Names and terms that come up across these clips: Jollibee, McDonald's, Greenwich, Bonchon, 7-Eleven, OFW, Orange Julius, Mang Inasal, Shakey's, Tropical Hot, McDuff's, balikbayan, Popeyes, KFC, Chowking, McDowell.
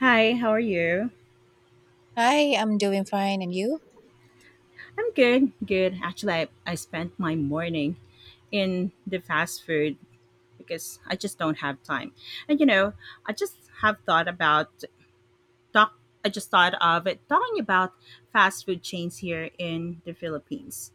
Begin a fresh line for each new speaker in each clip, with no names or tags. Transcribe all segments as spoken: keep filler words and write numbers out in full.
Hi, how are you?
Hi, I'm doing fine. And you?
I'm good, good. Actually, I, I spent my morning in the fast food because I just don't have time. And you know, I just have thought about talk. I just thought of it talking about fast food chains here in the Philippines.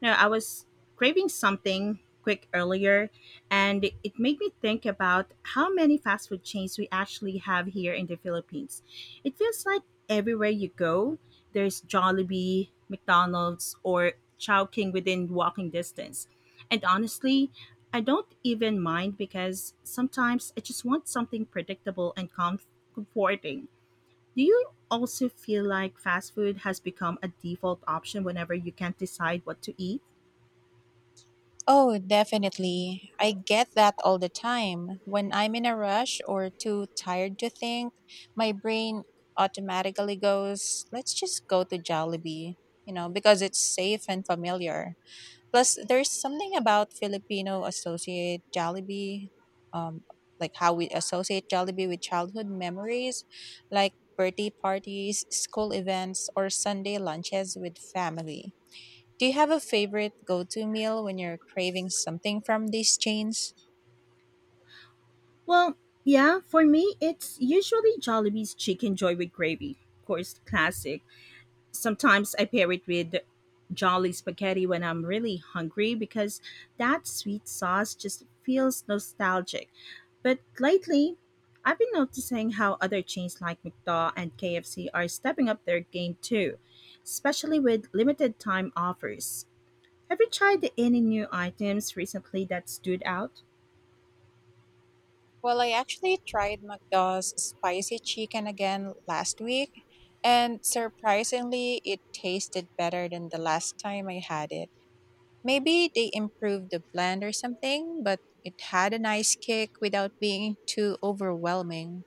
No, I was craving something quick earlier, and it made me think about how many fast food chains we actually have here in the Philippines. It feels like everywhere you go, there's Jollibee, McDonald's, or Chowking within walking distance. And honestly, I don't even mind because sometimes I just want something predictable and comf- comforting. Do you also feel like fast food has become a default option whenever you can't decide what to eat?
Oh, definitely. I get that all the time. When I'm in a rush or too tired to think, my brain automatically goes, let's just go to Jollibee, you know, because it's safe and familiar. Plus, there's something about Filipino associate Jollibee, um, like how we associate Jollibee with childhood memories, like birthday parties, school events, or Sunday lunches with family. Do you have a favorite go to meal when you're craving something from these chains?
Well, yeah, for me, it's usually Jollibee's Chicken Joy with gravy. Of course, classic. Sometimes I pair it with Jolly spaghetti when I'm really hungry because that sweet sauce just feels nostalgic. But lately, I've been noticing how other chains like McDaw and K F C are stepping up their game too, especially with limited time offers. Have you tried any new items recently that stood out?
Well, I actually tried McDonald's spicy chicken again last week, and surprisingly, it tasted better than the last time I had it. Maybe they improved the blend or something, but it had a nice kick without being too overwhelming.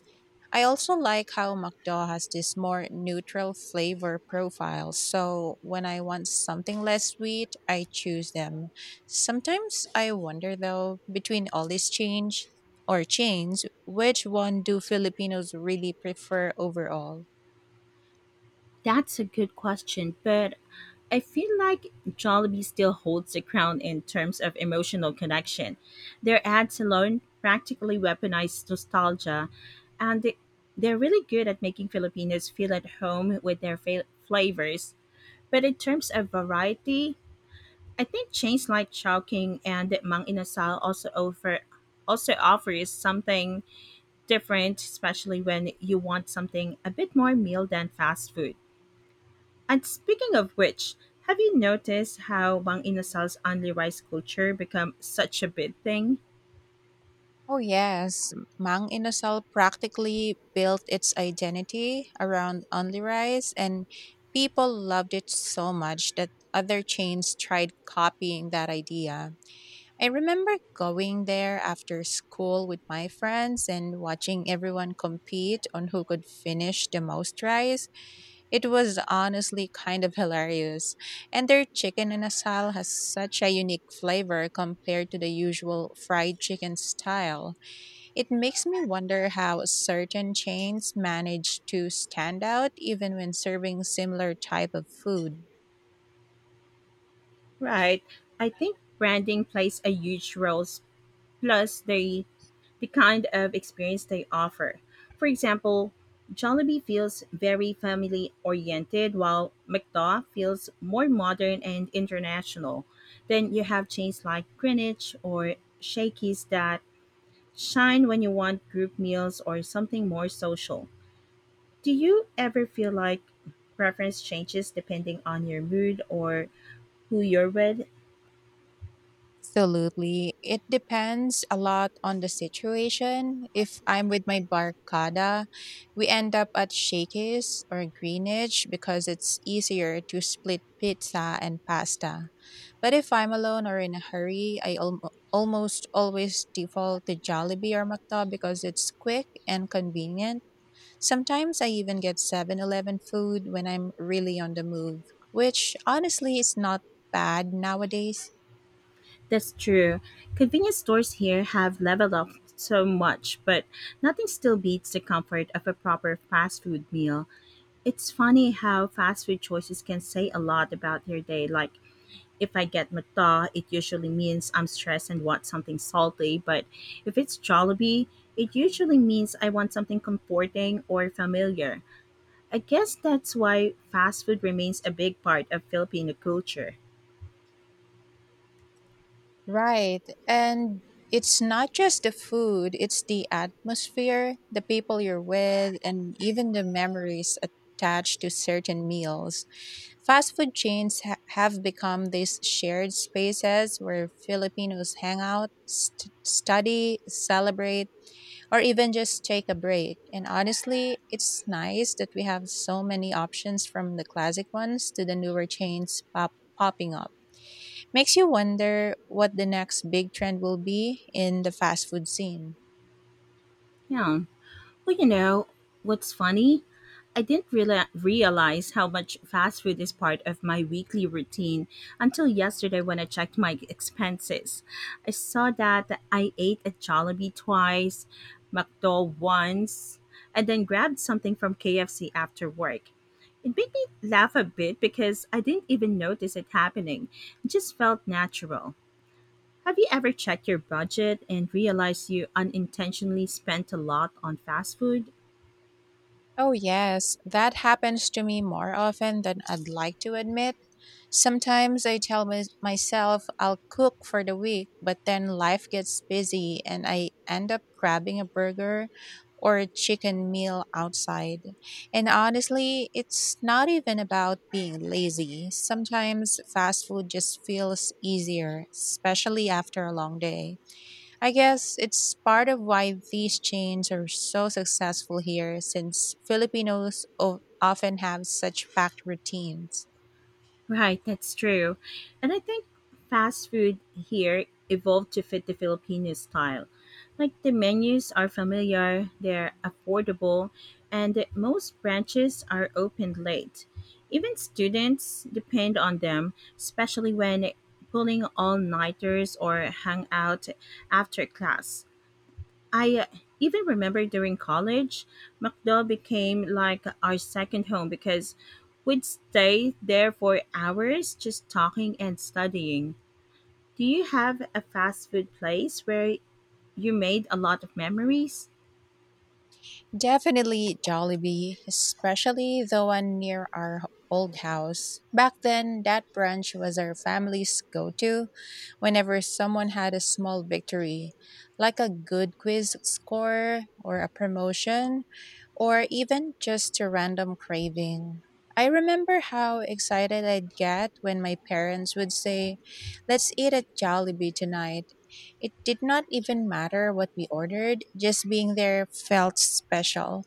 I also like how McDowell has this more neutral flavor profile. So when I want something less sweet, I choose them. Sometimes I wonder though, between all these change or chains, which one do Filipinos really prefer overall?
That's a good question, but I feel like Jollibee still holds the crown in terms of emotional connection. Their ads alone practically weaponize nostalgia, and they- they're really good at making Filipinos feel at home with their fa- flavors. But in terms of variety, I think chains like Chowking and Mang Inasal also offer also offers something different, especially when you want something a bit more meal than fast food. And speaking of which, have you noticed how Mang Inasal's only rice culture become such a big thing?
Oh yes, Mang Inasal practically built its identity around only rice, and people loved it so much that other chains tried copying that idea. I remember going there after school with my friends and watching everyone compete on who could finish the most rice. It was honestly kind of hilarious. And their chicken in a asal has such a unique flavor compared to the usual fried chicken style. It makes me wonder how certain chains manage to stand out even when serving similar type of food.
Right. I think branding plays a huge role, s- plus the the kind of experience they offer. For example, Jollibee feels very family oriented, while McDaw feels more modern and international. Then you have chains like Greenwich or Shakey's that shine when you want group meals or something more social. Do you ever feel like preference changes depending on your mood or who you're with?
Absolutely. It depends a lot on the situation. If I'm with my barkada, we end up at Shakey's or Greenwich because it's easier to split pizza and pasta. But if I'm alone or in a hurry, I al- almost always default to Jollibee or McDo because it's quick and convenient. Sometimes I even get seven-Eleven food when I'm really on the move, which honestly is not bad nowadays.
That's true. Convenience stores here have leveled up so much, but nothing still beats the comfort of a proper fast food meal. It's funny how fast food choices can say a lot about your day. Like, if I get McDonald's, it usually means I'm stressed and want something salty, but if it's Jollibee, it usually means I want something comforting or familiar. I guess that's why fast food remains a big part of Filipino culture.
Right. And it's not just the food, it's the atmosphere, the people you're with, and even the memories attached to certain meals. Fast food chains ha- have become these shared spaces where Filipinos hang out, st- study, celebrate, or even just take a break. And honestly, it's nice that we have so many options from the classic ones to the newer chains pop- popping up. Makes you wonder what the next big trend will be in the fast food scene.
Yeah. Well, you know, what's funny? I didn't reala- realize how much fast food is part of my weekly routine until yesterday when I checked my expenses. I saw that I ate at Jollibee twice, McDo once, and then grabbed something from K F C after work. It made me laugh a bit because I didn't even notice it happening. It just felt natural. Have you ever checked your budget and realized you unintentionally spent a lot on fast food?
Oh, yes, that happens to me more often than I'd like to admit. Sometimes I tell my- myself I'll cook for the week, but then life gets busy and I end up grabbing a burger or a chicken meal outside. And honestly, it's not even about being lazy. Sometimes fast food just feels easier, especially after a long day. I guess it's part of why these chains are so successful here, since Filipinos o- often have such packed routines.
Right, that's true. And I think fast food here evolved to fit the Filipino style. Like the menus are familiar, they're affordable, and most branches are open late. Even students depend on them, especially when pulling all nighters or hang out after class. I uh, even remember during college, McDo became like our second home because we'd stay there for hours just talking and studying. Do you have a fast food place where you made a lot of memories?
Definitely Jollibee, especially the one near our h- old house. Back then, that brunch was our family's go to whenever someone had a small victory, like a good quiz score or a promotion, or even just a random craving. I remember how excited I'd get when my parents would say, let's eat at Jollibee tonight. It did not even matter what we ordered, just being there felt special.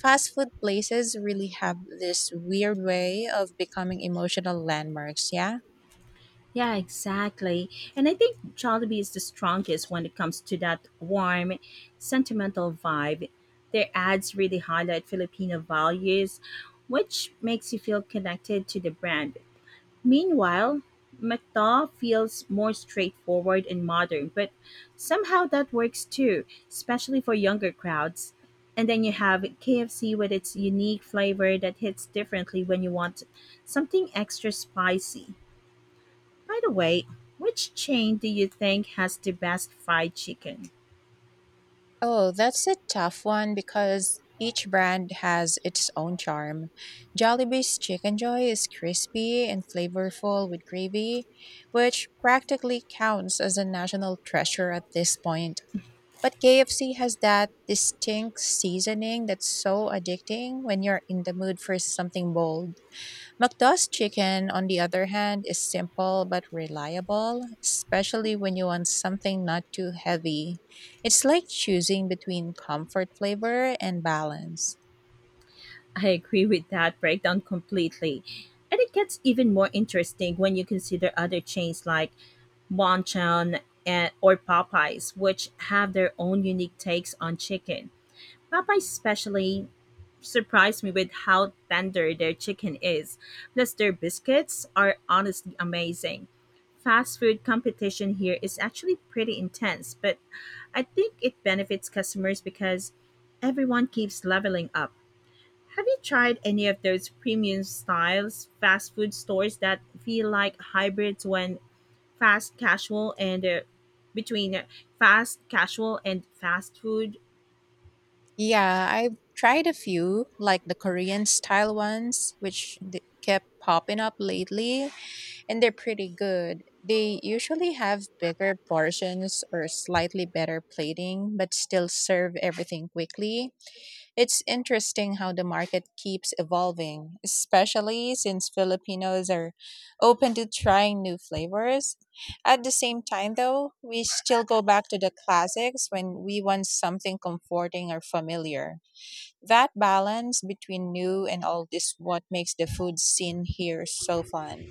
Fast food places really have this weird way of becoming emotional landmarks, yeah?
Yeah, exactly. And I think Jollibee is the strongest when it comes to that warm, sentimental vibe. Their ads really highlight Filipino values, which makes you feel connected to the brand. Meanwhile, McDaw feels more straightforward and modern, but somehow that works too, especially for younger crowds. And then you have K F C with its unique flavor that hits differently when you want something extra spicy. By the way, which chain do you think has the best fried chicken?
Oh, that's a tough one because each brand has its own charm. Jollibee's Chicken Joy is crispy and flavorful with gravy, which practically counts as a national treasure at this point. But K F C has that distinct seasoning that's so addicting when you're in the mood for something bold. McDuff's chicken, on the other hand, is simple but reliable, especially when you want something not too heavy. It's like choosing between comfort flavor and balance.
I agree with that breakdown completely. And it gets even more interesting when you consider other chains like Bonchon, and or Popeyes, which have their own unique takes on chicken. Popeyes especially surprised me with how tender their chicken is. Plus, their biscuits are honestly amazing. Fast food competition here is actually pretty intense, but I think it benefits customers because everyone keeps leveling up. Have you tried any of those premium styles fast food stores that feel like hybrids when fast casual and uh, between uh, fast casual and fast food.
Yeah, I've tried a few, like the Korean style ones, which th- kept popping up lately. And they're pretty good. They usually have bigger portions or slightly better plating, but still serve everything quickly. It's interesting how the market keeps evolving, especially since Filipinos are open to trying new flavors. At the same time, though, we still go back to the classics when we want something comforting or familiar. That balance between new and old is what makes the food scene here so fun.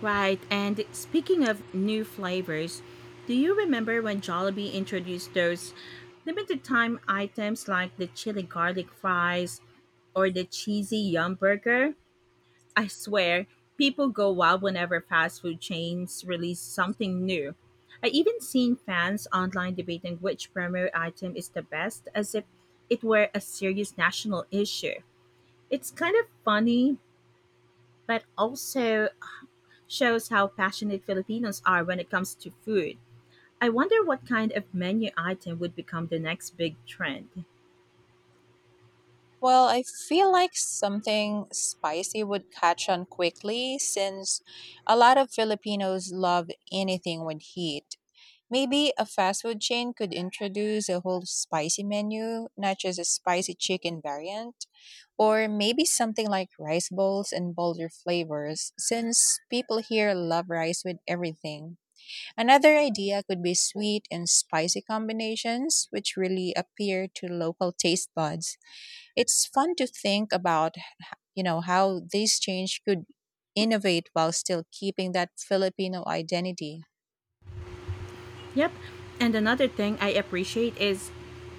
Right. And speaking of new flavors, do you remember when Jollibee introduced those limited time items like the chili garlic fries or the cheesy yum burger? I swear, people go wild whenever fast food chains release something new. I even seen fans online debating which promo item is the best as if it were a serious national issue. It's kind of funny, but also shows how passionate Filipinos are when it comes to food. I wonder what kind of menu item would become the next big trend.
Well, I feel like something spicy would catch on quickly since a lot of Filipinos love anything with heat. Maybe a fast food chain could introduce a whole spicy menu, not just a spicy chicken variant, or maybe something like rice bowls and bolder flavors since people here love rice with everything. Another idea could be sweet and spicy combinations, which really appeal to local taste buds. It's fun to think about, h- you know, how this change could innovate while still keeping that Filipino identity.
Yep. And another thing I appreciate is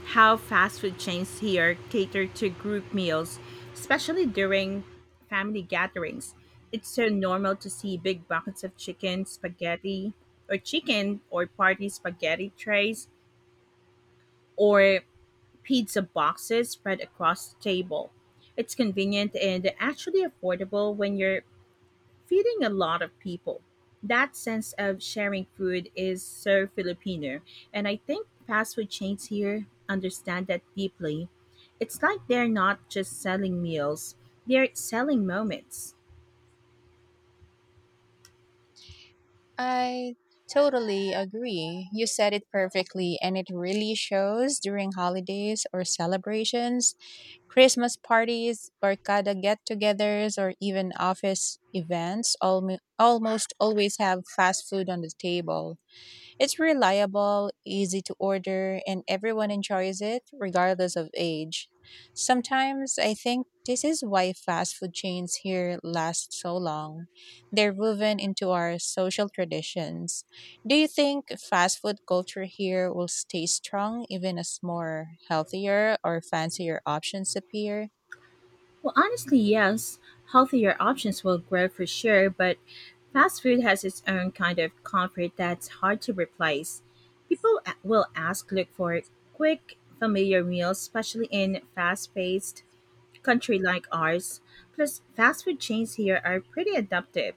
how fast food chains here cater to group meals, especially during family gatherings. It's so normal to see big buckets of chicken spaghetti or chicken or party spaghetti trays or pizza boxes spread across the table. It's convenient and actually affordable when you're feeding a lot of people. That sense of sharing food is so Filipino, and I think fast food chains here understand that deeply. It's like they're not just selling meals, they're selling moments.
I totally agree. You said it perfectly, and it really shows during holidays or celebrations, Christmas parties, barkada get-togethers, or even office events. Almo- almost always have fast food on the table. It's reliable, easy to order, and everyone enjoys it regardless of age. Sometimes I think this is why fast food chains here last so long. They're woven into our social traditions. Do you think fast food culture here will stay strong even as more healthier or fancier options appear?
Well, honestly, yes, healthier options will grow for sure, but fast food has its own kind of comfort that's hard to replace. People a- will ask look for quick, familiar meals, especially in fast-paced country like ours. Plus, fast food chains here are pretty adaptive.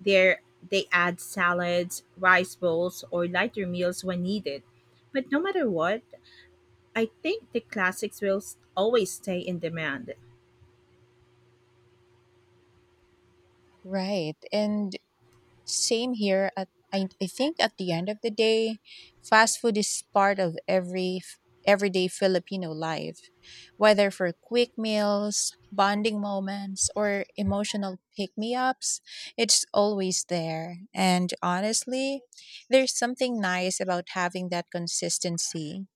They're, they add salads, rice bowls, or lighter meals when needed. But no matter what, I think the classics will s- always stay in demand.
Right. And same here. At I, I think at the end of the day, fast food is part of every f- everyday Filipino life, whether for quick meals, bonding moments, or emotional pick-me-ups. It's always there. And honestly, there's something nice about having that consistency.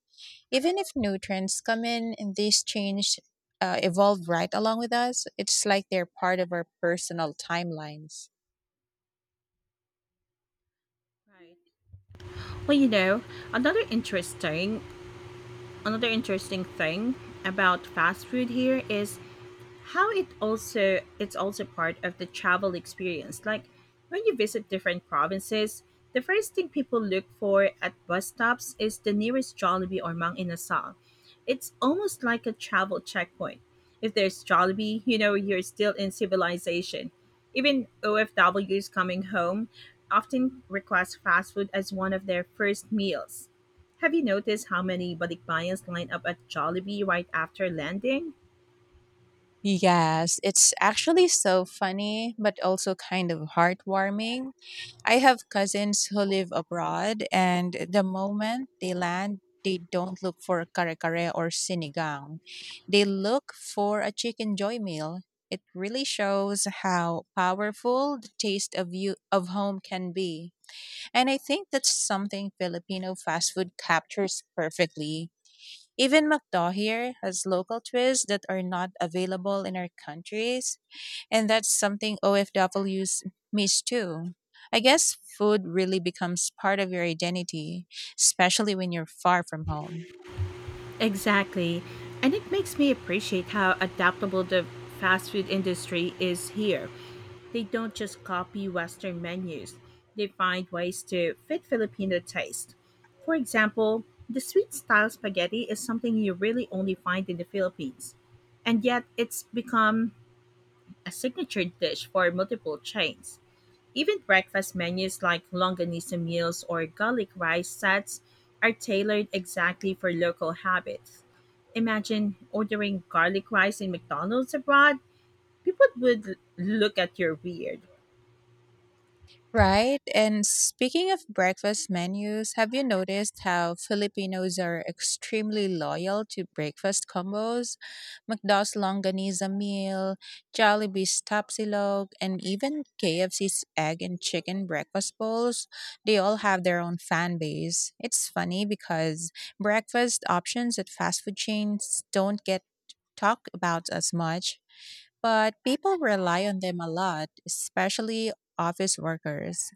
Even if new trends come in and these change uh, evolve right along with us, it's like they're part of our personal timelines.
Right. Well, you know, another interesting another interesting thing about fast food here is how it also it's also part of the travel experience, like when you visit different provinces, the first thing people look for at bus stops is the nearest Jollibee or Mang Inasal. It's almost like a travel checkpoint. If there's Jollibee, you know you're still in civilization. Even O F Ws coming home often request fast food as one of their first meals. Have you noticed how many balikbayans line up at Jollibee right after landing?
Yes, it's actually so funny, but also kind of heartwarming. I have cousins who live abroad, and the moment they land, they don't look for kare kare or sinigang. They look for a chicken joy meal. It really shows how powerful the taste of you of home can be. And I think that's something Filipino fast food captures perfectly. Even McDaw here has local twists that are not available in our countries, and that's something O F Ws miss too. I guess food really becomes part of your identity, especially when you're far from home.
Exactly. And it makes me appreciate how adaptable the fast food industry is here. They don't just copy Western menus, they find ways to fit Filipino taste. For example, the sweet style spaghetti is something you really only find in the Philippines. And yet, it's become a signature dish for multiple chains. Even breakfast menus like longanisa meals or garlic rice sets are tailored exactly for local habits. Imagine ordering garlic rice in McDonald's abroad. People would l- look at you weird.
Right? And speaking of breakfast menus, have you noticed how Filipinos are extremely loyal to breakfast combos? McDonald's Longaniza meal, Jollibee's Tapsilog, and even K F C's egg and chicken breakfast bowls, they all have their own fan base. It's funny because breakfast options at fast food chains don't get talked about as much, but people rely on them a lot, especially office workers.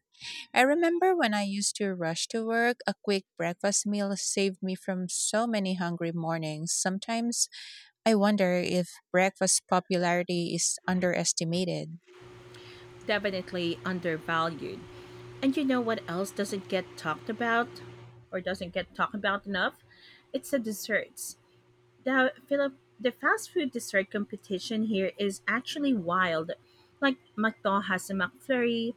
I remember when I used to rush to work, a quick breakfast meal saved me from so many hungry mornings. Sometimes I wonder if breakfast popularity is underestimated.
Definitely undervalued. And you know what else doesn't get talked about or doesn't get talked about enough? It's the desserts. the Philip the fast food dessert competition here is actually wild. Like McDo has the McFlurry,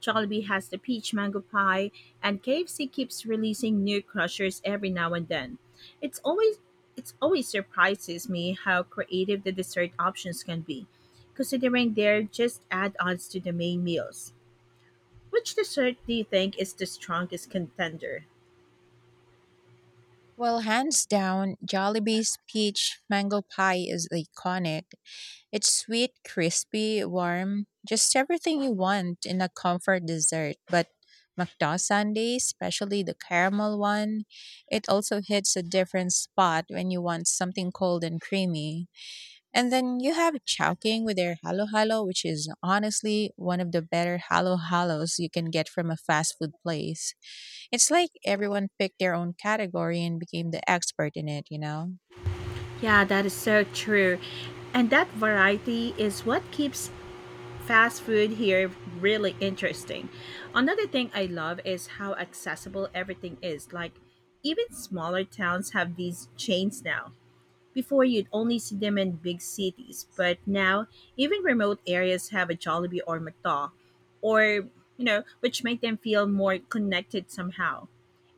Jollibee has the peach mango pie, and K F C keeps releasing new crushers every now and then. It's always it's always surprises me how creative the dessert options can be, considering they're just add-ons to the main meals. Which dessert do you think is the strongest contender?
Well, hands down, Jollibee's peach mango pie is iconic. It's sweet, crispy, warm, just everything you want in a comfort dessert. But McDonald's sundae, especially the caramel one, it also hits a different spot when you want something cold and creamy. And then you have Chowking with their halo halo, which is honestly one of the better halo halos you can get from a fast food place. It's like everyone picked their own category and became the expert in it, you know?
Yeah, that is so true. And that variety is what keeps fast food here really interesting. Another thing I love is how accessible everything is. Like even smaller towns have these chains now. Before you'd only see them in big cities, but now even remote areas have a Jollibee or McDonald's, or you know, which make them feel more connected somehow.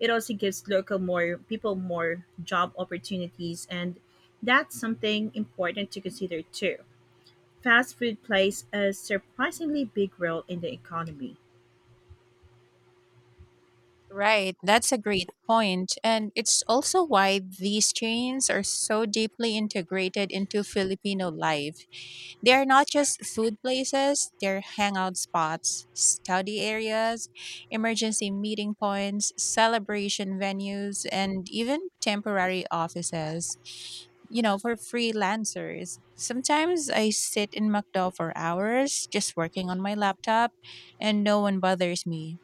It also gives local more people more job opportunities, and that's something important to consider too. Fast food plays a surprisingly big role in the economy.
Right, that's a great point. And it's also why these chains are so deeply integrated into Filipino life. They are not just food places, they're hangout spots, study areas, emergency meeting points, celebration venues, and even temporary offices. You know, for freelancers. Sometimes I sit in McDo for hours just working on my laptop and no one bothers me.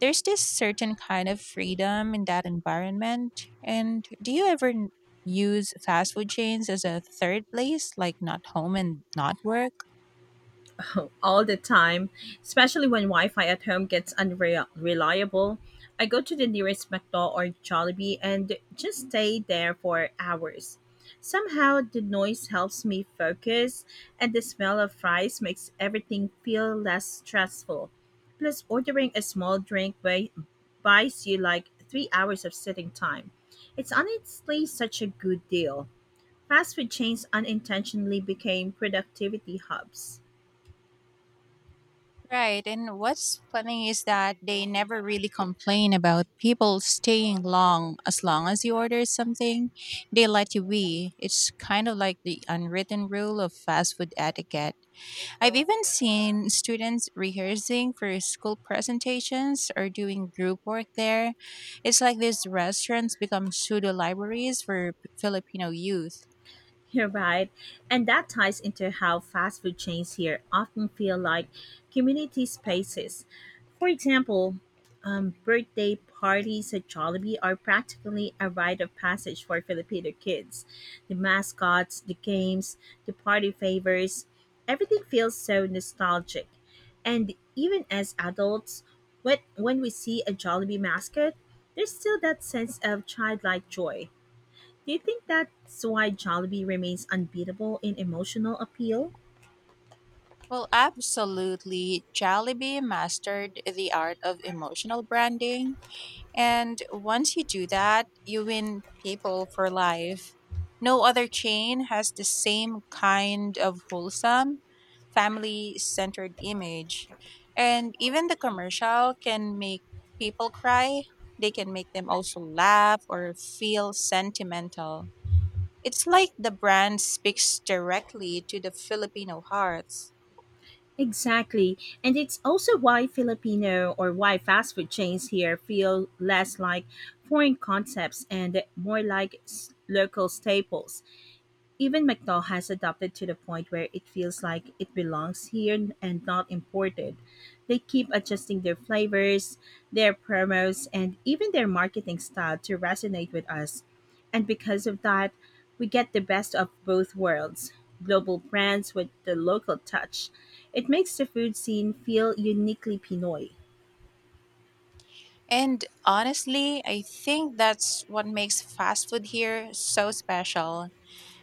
There's this certain kind of freedom in that environment. And do you ever n- use fast food chains as a third place, like not home and not work?
All the time, especially when Wi Fi at home gets unreliable. I go to the nearest McDo or Jollibee and just stay there for hours. Somehow, the noise helps me focus, and the smell of fries makes everything feel less stressful. Plus, ordering a small drink buy- buys you like three hours of sitting time. It's honestly such a good deal. Fast food chains unintentionally became productivity hubs.
Right. And what's funny is that they never really complain about people staying long as long as you order something. They let you be. It's kind of like the unwritten rule of fast food etiquette. I've even seen students rehearsing for school presentations or doing group work there. It's like these restaurants become pseudo libraries for P- Filipino youth.
You're right. And that ties into how fast food chains here often feel like community spaces. For example, um, birthday parties at Jollibee are practically a rite of passage for Filipino kids. The mascots, the games, the party favors, everything feels so nostalgic. And even as adults, when, when we see a Jollibee mascot, there's still that sense of childlike joy. Do you think that's why Jollibee remains unbeatable in emotional appeal?
Well, absolutely. Jollibee mastered the art of emotional branding. And once you do that, you win people for life. No other chain has the same kind of wholesome, family centered image. And even the commercial can make people cry, they can make them also laugh or feel sentimental. It's like the brand speaks directly to the Filipino hearts.
Exactly. And it's also why Filipino or why fast food chains here feel less like foreign concepts and more like s- local staples. Even McDowell has adapted to the point where it feels like it belongs here and not imported. They keep adjusting their flavors, their promos, and even their marketing style to resonate with us. And because of that, we get the best of both worlds, global brands with the local touch. It makes the food scene feel uniquely Pinoy.
And honestly, I think that's what makes fast food here so special.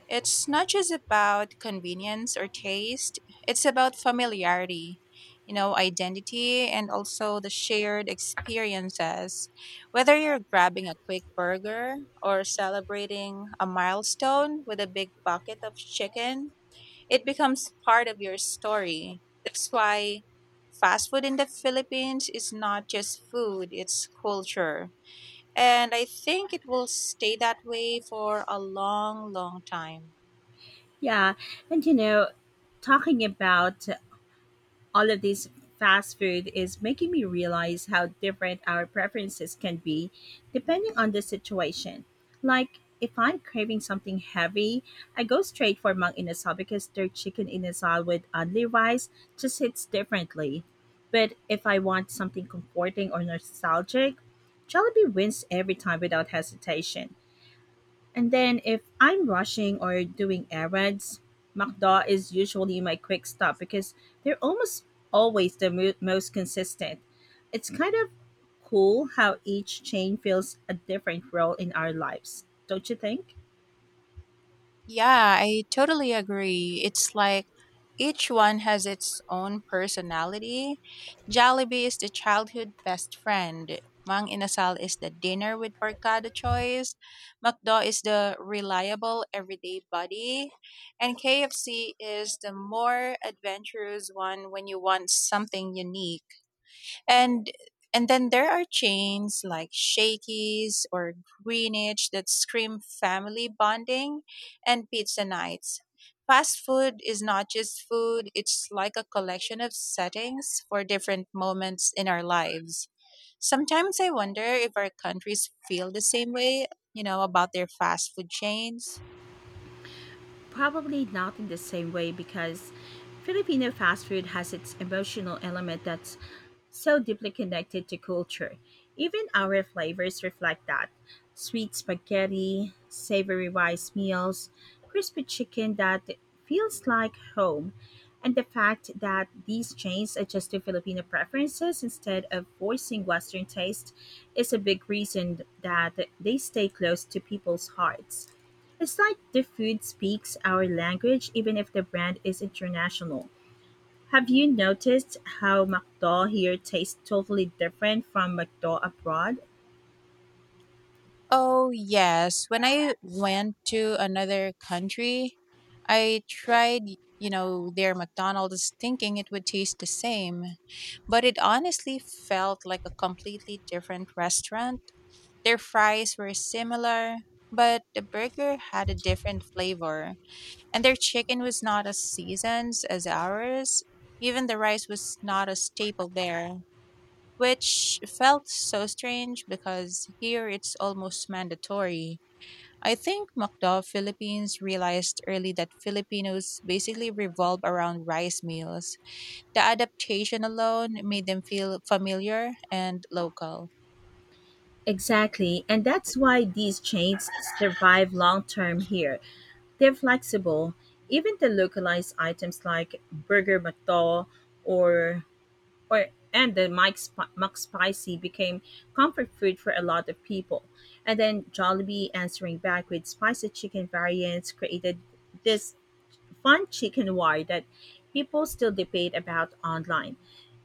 It's not just about convenience or taste, it's about familiarity, you know, identity, and also the shared experiences. Whether you're grabbing a quick burger or celebrating a milestone with a big bucket of chicken, it becomes part of your story. That's why fast food in the Philippines is not just food, it's culture. And I think it will stay that way for a long, long time.
Yeah, and you know, talking about all of this fast food is making me realize how different our preferences can be depending on the situation. Like, if I'm craving something heavy, I go straight for mang inasal because their chicken inasal with only rice just hits differently. But if I want something comforting or nostalgic, Jollibee wins every time without hesitation. And then if I'm rushing or doing errands, McDo is usually my quick stop because they're almost always the mo- most consistent. It's kind of cool how each chain fills a different role in our lives, don't you think?
Yeah, I totally agree. It's like each one has its own personality. Jollibee is the childhood best friend. Mang Inasal is the dinner with barkada choice. McDo is the reliable everyday buddy. And K F C is the more adventurous one when you want something unique. And and then there are chains like Shakey's or Greenwich that scream family bonding and pizza nights. Fast food is not just food, it's like a collection of settings for different moments in our lives. Sometimes I wonder if our countries feel the same way, you know, about their fast food chains.
Probably not in the same way because Filipino fast food has its emotional element that's so deeply connected to culture. Even our flavors reflect that, sweet spaghetti, savory rice meals, crispy chicken that feels like home, and the fact that these chains adjust to Filipino preferences instead of forcing Western taste is a big reason that they stay close to people's hearts. It's like the food speaks our language even if the brand is international. Have you noticed how McDo here tastes totally different from McDo abroad?
Oh yes, when I went to another country, I tried, you know, their McDonald's thinking it would taste the same, but it honestly felt like a completely different restaurant. Their fries were similar, but the burger had a different flavor, and their chicken was not as seasoned as ours. Even the rice was not a staple there, which felt so strange because here it's almost mandatory. I think MacDo Philippines realized early that Filipinos basically revolve around rice meals. The adaptation alone made them feel familiar and local.
Exactly, and that's why these chains survive long term here. They're flexible. Even the localized items like Burger McDo or or and the Mike Sp- McSpicy became comfort food for a lot of people. And then Jollibee answering back with spicy chicken variants created this fun chicken war that people still debate about online.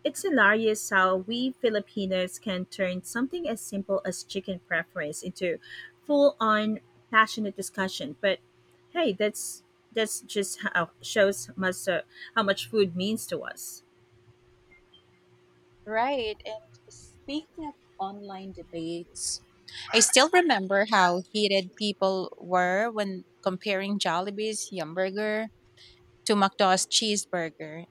It's hilarious how we Filipinos can turn something as simple as chicken preference into full-on passionate discussion. But hey, that's that's just how shows must uh, how much food means to us.
Right. And speaking of online debates, I still remember how heated people were when comparing Jollibee's Yumburger to McDonald's cheeseburger.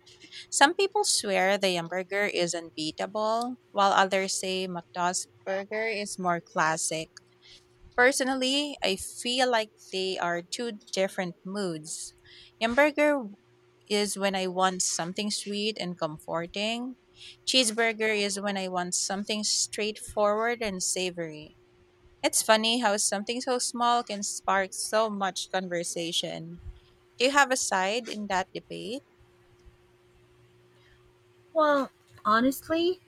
Some people swear the Yumburger is unbeatable, while others say McDonald's burger is more classic. Personally, I feel like they are two different moods. Hamburger is when I want something sweet and comforting. Cheeseburger is when I want something straightforward and savory. It's funny how something so small can spark so much conversation. Do you have a side in that debate?
Well, honestly,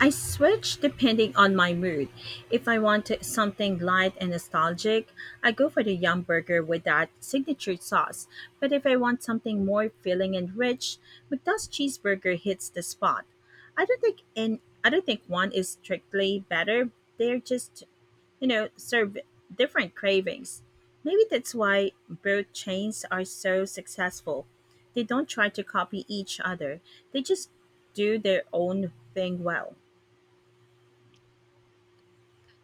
I switch depending on my mood. If I want to- something light and nostalgic, I go for the Yum Burger with that signature sauce. But if I want something more filling and rich, McDuck's cheeseburger hits the spot. I don't think and I don't think one is strictly better. They're just, you know, serve different cravings. Maybe that's why both chains are so successful. They don't try to copy each other, they just do their own thing well.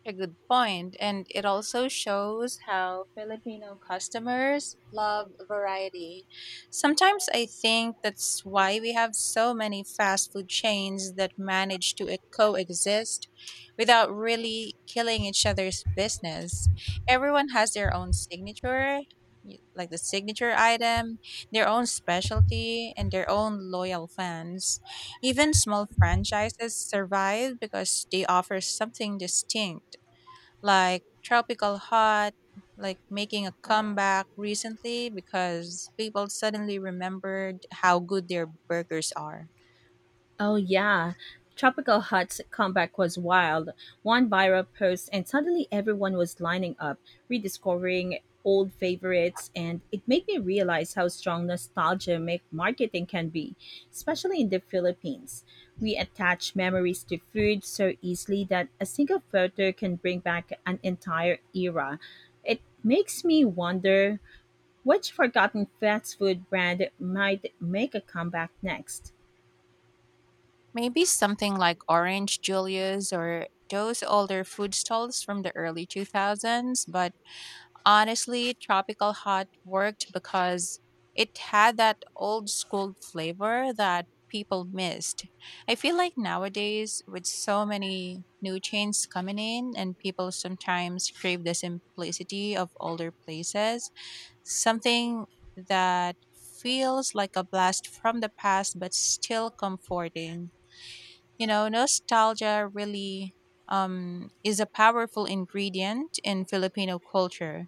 A good point, and it also shows how Filipino customers love variety. Sometimes I think that's why we have so many fast food chains that manage to e- coexist without really killing each other's business. Everyone has their own signature, y- like the signature item, their own specialty, and their own loyal fans. Even small franchises survive because they offer something distinct, like tropical hot like making a comeback recently because people suddenly remembered how good their burgers are.
Oh yeah, Tropical Hut's comeback was wild. One viral post and suddenly everyone was lining up, rediscovering old favorites, and it made me realize how strong nostalgia make marketing can be, especially in the Philippines. We attach memories to food so easily that a single photo can bring back an entire era. It makes me wonder which forgotten fast food brand might make a comeback next.
Maybe something like Orange Julius or those older food stalls from the early two thousands, but honestly, Tropical Hot worked because it had that old school flavor that people missed. I feel like nowadays, with so many new chains coming in, and people sometimes crave the simplicity of older places, something that feels like a blast from the past but still comforting. You know, nostalgia really um, is a powerful ingredient in Filipino culture.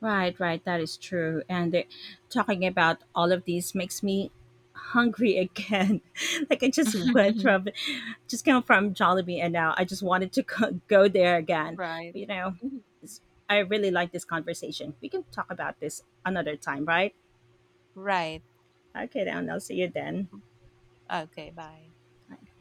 Right, right. That is true. And uh, talking about all of these makes me hungry again. Like I just went from, just came from Jollibee, and now I just wanted to go, go there again.
Right.
You know,
Mhm.
I really like this conversation. We can talk about this another time, right?
Right.
Okay, then I'll
Okay.
see you then.
Okay. Bye.